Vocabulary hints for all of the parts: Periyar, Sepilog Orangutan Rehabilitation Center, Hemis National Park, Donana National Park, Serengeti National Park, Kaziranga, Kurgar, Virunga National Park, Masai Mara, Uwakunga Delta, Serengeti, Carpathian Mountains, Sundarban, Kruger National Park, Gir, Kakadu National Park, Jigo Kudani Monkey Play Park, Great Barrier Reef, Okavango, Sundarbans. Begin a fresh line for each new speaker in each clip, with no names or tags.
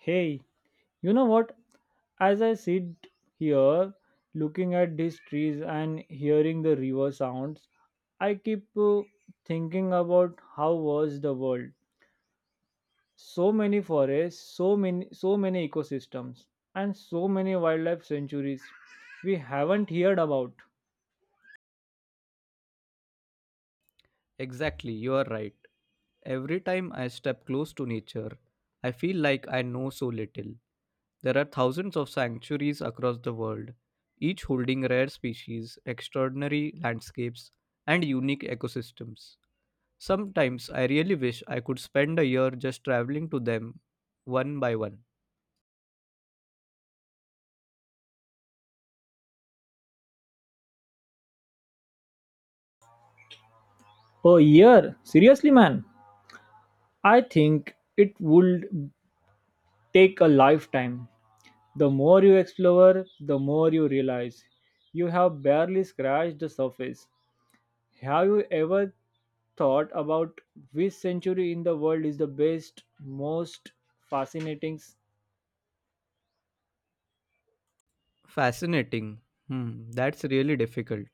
Hey, you know what? As I sit here looking at these trees and hearing the river sounds, I keep thinking about how was the world. So many forests, so many ecosystems and so many wildlife sanctuaries we haven't heard about.
Exactly, you are right. Every time I step close to nature, I feel like I know so little. There are thousands of sanctuaries across the world, each holding rare species, extraordinary landscapes, and unique ecosystems. Sometimes I really wish I could spend a year just traveling to them one by one.
A year, seriously man. I think it would take a lifetime. The more you explore, the more you realize you have barely scratched the surface. Have you ever thought about which century in the world is the best, most fascinating?
Fascinating. That's really difficult.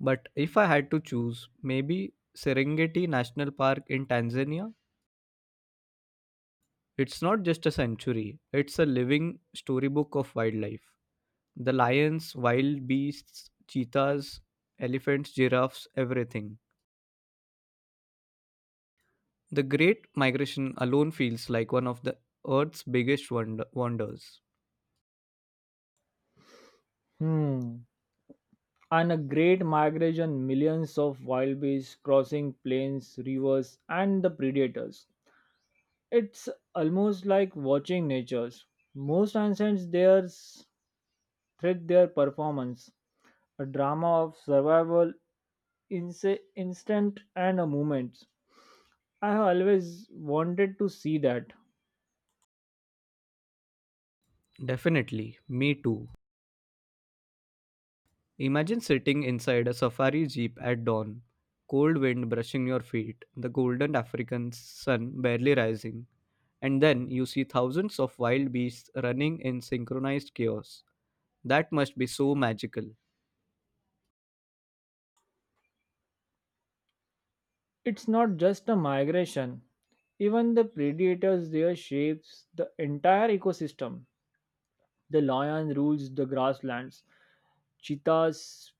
But if I had to choose, maybe Serengeti National Park in Tanzania. It's not just a sanctuary, it's a living storybook of wildlife. The lions, wild beasts, cheetahs, elephants, giraffes, everything. The Great Migration alone feels like one of the Earth's biggest wonders.
Hmm. And a great migration, millions of wild beasts crossing plains, rivers, and the predators. It's almost like watching nature's. Most ancient. There's thread their performance, a drama of survival instant and a moment. I have always wanted to see that.
Definitely, me too. Imagine sitting inside a safari jeep at dawn, cold wind brushing your feet, the golden African sun barely rising, and then you see thousands of wild beasts running in synchronized chaos. That must be so magical.
It's not just a migration. Even the predators there shapes the entire ecosystem. The lion rules the grasslands. Cheetahs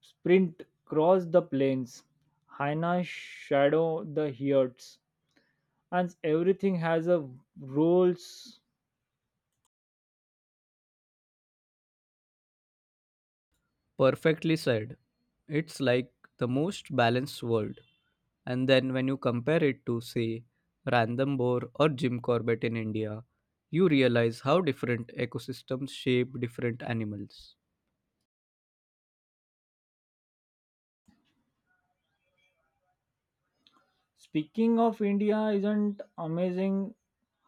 sprint across the plains. Hyenas shadow the herds. And everything has a roles.
Perfectly said. It's like the most balanced world. And then when you compare it to, say, Random Bohr or Jim Corbett in India, you realize how different ecosystems shape different animals.
Speaking of India, isn't amazing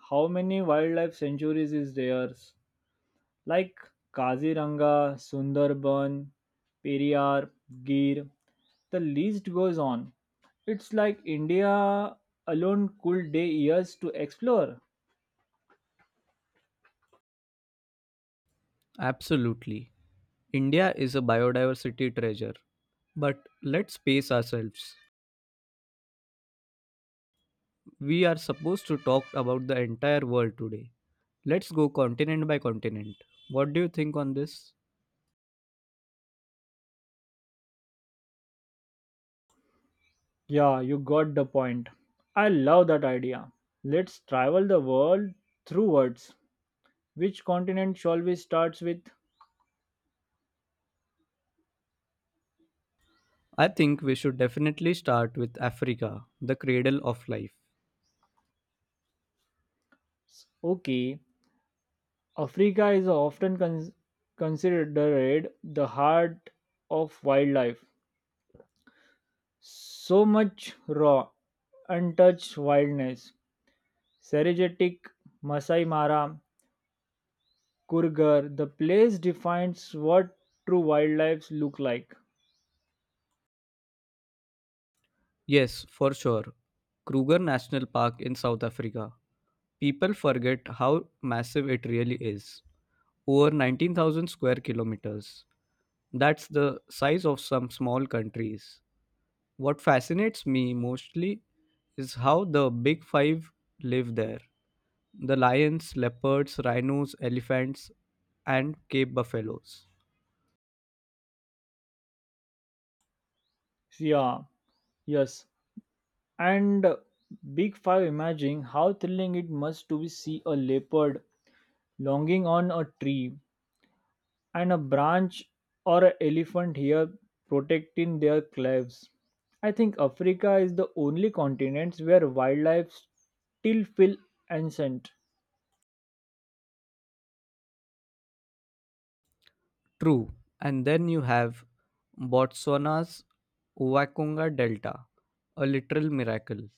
how many wildlife sanctuaries is there? Like Kaziranga, Sundarban, Periyar, Gir. The list goes on. It's like India alone could day years to explore.
Absolutely. India is a biodiversity treasure. But let's pace ourselves. We are supposed to talk about the entire world today. Let's go continent by continent. What do you think on this?
Yeah, you got the point. I love that idea. Let's travel the world through words. Which continent shall we start with?
I think we should definitely start with Africa, the cradle of life.
Okay, Africa is often considered the heart of wildlife. So much raw, untouched wildness. Serengeti, Masai Mara, Kurgar, the place defines what true wildlife look like.
Yes, for sure. Kruger National Park in South Africa. People forget how massive it really is. Over 19,000 square kilometers. That's the size of some small countries. What fascinates me mostly is how the big five live there, the lions, leopards, rhinos, elephants, and cape buffaloes.
Yeah, yes. And Big Five, imagine how thrilling it must to be see a leopard longing on a tree and a branch or an elephant here protecting their claves. I think Africa is the only continent where wildlife still feel ancient.
True. And then you have Botswana's Uwakunga Delta, a literal miracle,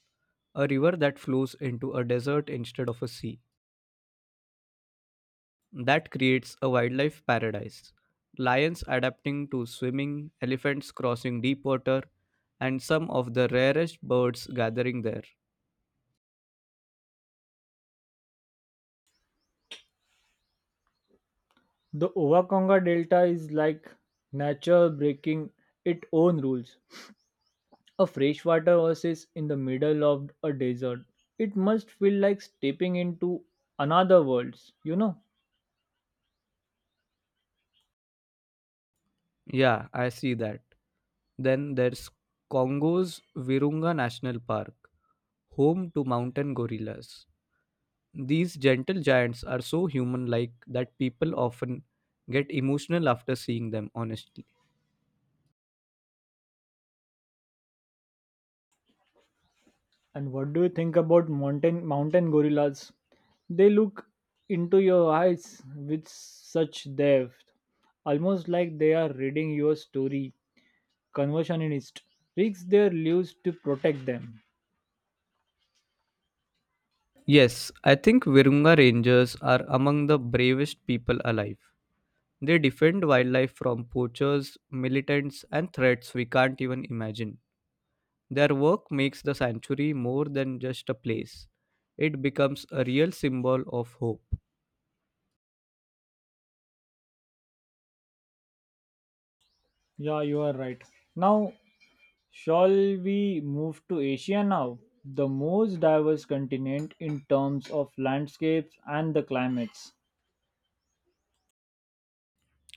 a river that flows into a desert instead of a sea. That creates a wildlife paradise. Lions adapting to swimming, elephants crossing deep water, and some of the rarest birds gathering there.
The Owakonga Delta is like nature breaking its own rules. A freshwater oasis in the middle of a desert. It must feel like stepping into another world, you know.
Yeah, I see that. Then there's Congo's Virunga National Park, home to mountain gorillas. These gentle giants are so human like that people often get emotional after seeing them, honestly.
And what do you think about mountain gorillas? They look into your eyes with such depth, almost like they are reading your story. Conversationist risks their lives to protect them.
Yes, I think Virunga Rangers are among the bravest people alive. They defend wildlife from poachers, militants, and threats we can't even imagine. Their work makes the sanctuary more than just a place, it becomes a real symbol of hope.
Yeah, you are right. Now, shall we move to Asia now? The most diverse continent in terms of landscapes and the climates.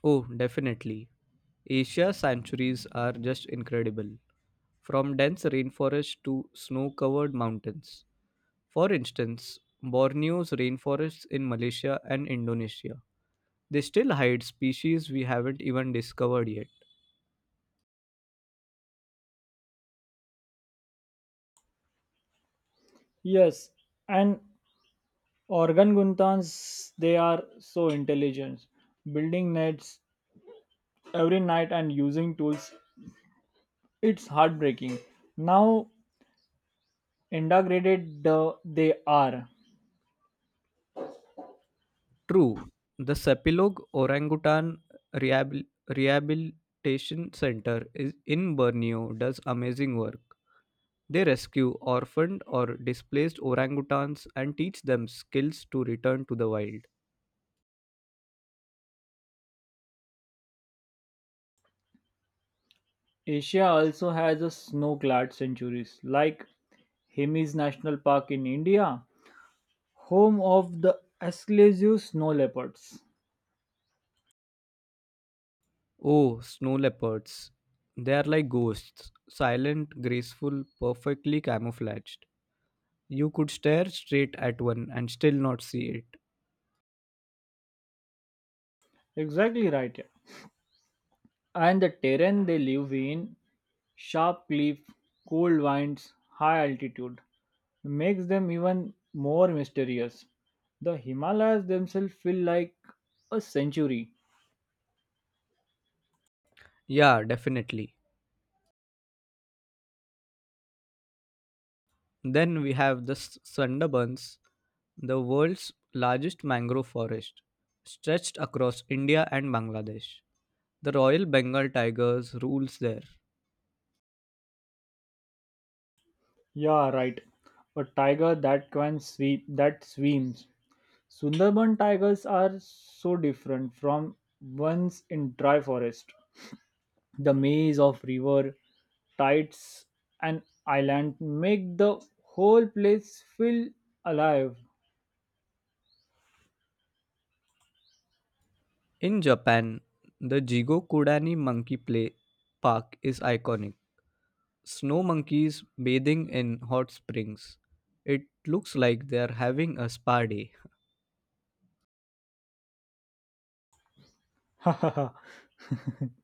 Oh, definitely. Asia sanctuaries are just incredible, from dense rainforests to snow covered mountains. For instance, Borneo's rainforests in Malaysia and Indonesia. They still hide species we haven't even discovered yet.
Yes, and Organ Guntans, they are so intelligent. Building nets every night and using tools, it's heartbreaking. Now integrated the, they are.
True, the Sepilog Orangutan Rehabilitation Center is in Borneo does amazing work. They rescue orphaned or displaced orangutans and teach them skills to return to the wild.
Asia also has a snow-clad centuries, like Hemis National Park in India, home of the Asclepius snow leopards.
Oh, snow leopards. They are like ghosts, silent, graceful, perfectly camouflaged. You could stare straight at one and still not see it.
Exactly right, yeah. And the terrain they live in, sharp cliff, cold winds, high altitude, makes them even more mysterious. The Himalayas themselves feel like a sanctuary.
Yeah, definitely. Then we have the Sundarbans, the world's largest mangrove forest, stretched across India and Bangladesh. The Royal Bengal tigers rules there.
Yeah, right. A tiger that can sweep that swims. Sundarban tigers are so different from ones in dry forest. The maze of river, tides and island make the whole place feel alive.
In Japan, the Jigo Kudani Monkey Play Park is iconic. Snow monkeys bathing in hot springs. It looks like they are having a spa day.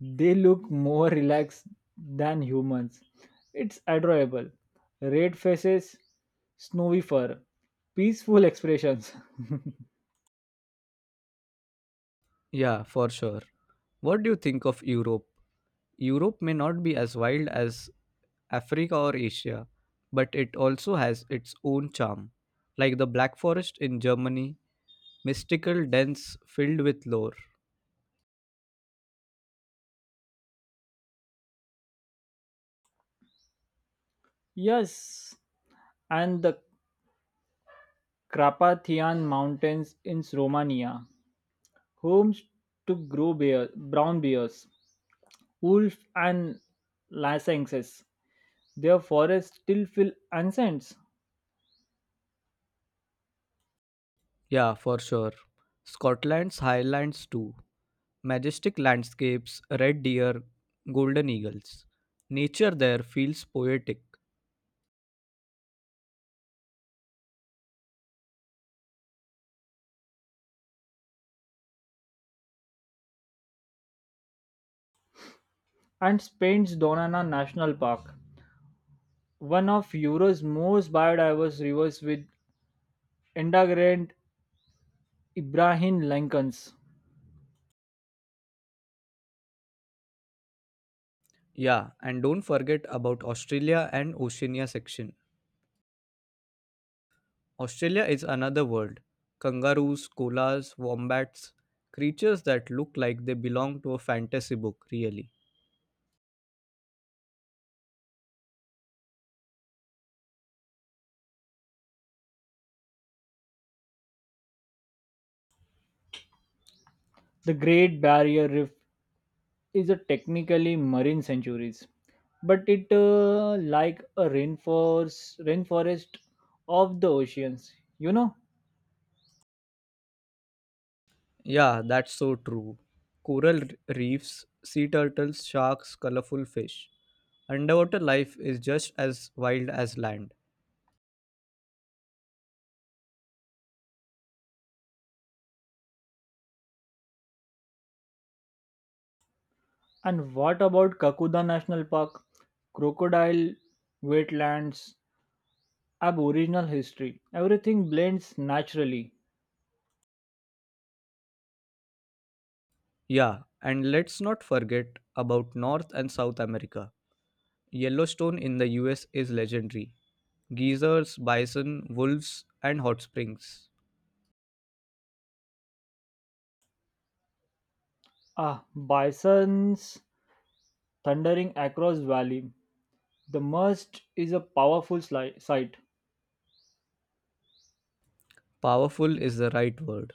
They look more relaxed than humans. It's adorable. Red faces, snowy fur, peaceful expressions.
Yeah, for sure. What do you think of Europe? Europe may not be as wild as Africa or Asia, but it also has its own charm, like the Black Forest in Germany, mystical dens filled with lore.
Yes, and the Carpathian Mountains in Romania, homes to grow bear, brown bears, wolf and lynxes. Their forests still feel ancient.
Yeah, for sure. Scotland's highlands too. Majestic landscapes, red deer, golden eagles. Nature there feels poetic.
And Spain's Donana National Park, one of Europe's most biodiverse rivers with integrant Ibrahim Lincoln's.
Yeah, and don't forget about Australia and Oceania section. Australia is another world. Kangaroos, koalas, wombats, creatures that look like they belong to a fantasy book, really.
The Great Barrier Reef is a technically marine sanctuaries, but it like a rainforest of the oceans, you know.
Yeah, that's so true. Coral reefs, sea turtles, sharks, colorful fish. Underwater life is just as wild as land.
And what about Kakuda National Park? Crocodile, wetlands, aboriginal history. Everything blends naturally.
Yeah, and let's not forget about North and South America. Yellowstone in the US is legendary. Geysers, bison, wolves, and hot springs.
Ah, bisons thundering across valley. The must is a powerful sight.
Powerful is the right word.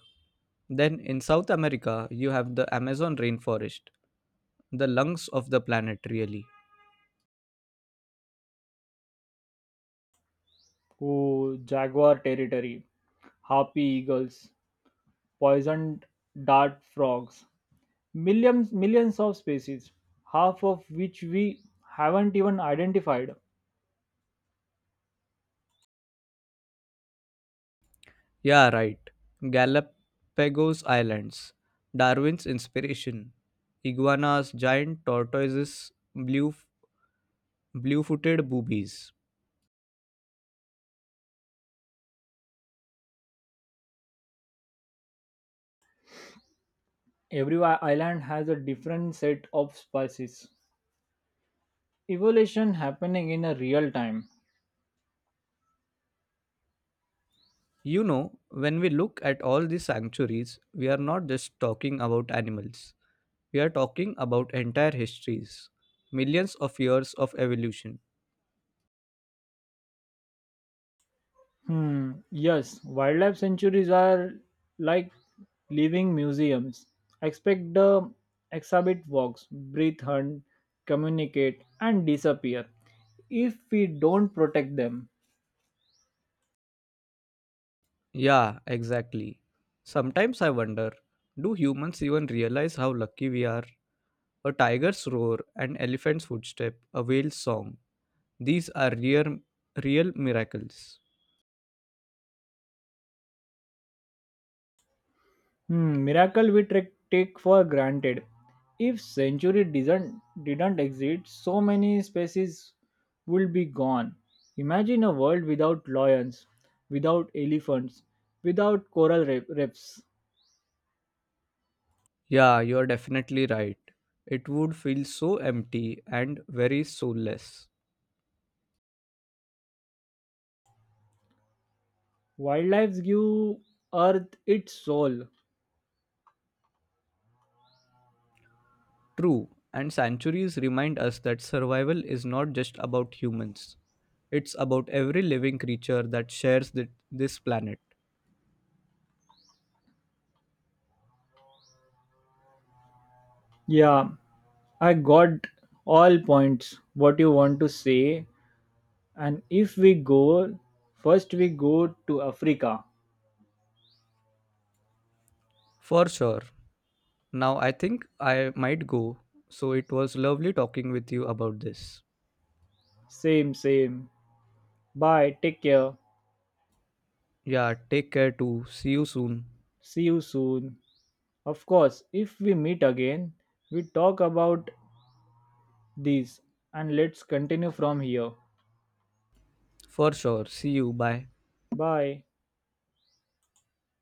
Then in South America, you have the Amazon rainforest, the lungs of the planet, really.
Oh, jaguar territory, harpy eagles, poison dart frogs, millions of species, half of which we haven't even identified.
Yeah, right. Galapagos Islands. Darwin's inspiration. Iguanas, giant tortoises, blue-footed boobies.
Every island has a different set of species. Evolution happening in a real time.
You know, when we look at all these sanctuaries, we are not just talking about animals. We are talking about entire histories, millions of years of evolution.
Hmm. Yes, wildlife sanctuaries are like living museums. Expect the exhibit walks, breathe, hunt, communicate, and disappear if we don't protect them.
Yeah, exactly. Sometimes I wonder, do humans even realize how lucky we are? A tiger's roar, an elephant's footstep, a whale's song. These are real miracles.
Hmm, miracle we take for granted. If century didn't exist, so many species would be gone. Imagine a world without lions, without elephants, without coral reefs.
Yeah, you're definitely right. It would feel so empty and very soulless.
Wildlife give Earth its soul.
True, and sanctuaries remind us that survival is not just about humans, it's about every living creature that shares this planet.
Yeah, I got all points. What you want to say? And if we go, first we go to Africa.
For sure. Now, I think I might go, so it was lovely talking with you about this.
Same, same. Bye. Take care.
Yeah, take care too. See you soon.
See you soon. Of course, if we meet again, we talk about these and let's continue from here.
For sure. See you. Bye.
Bye.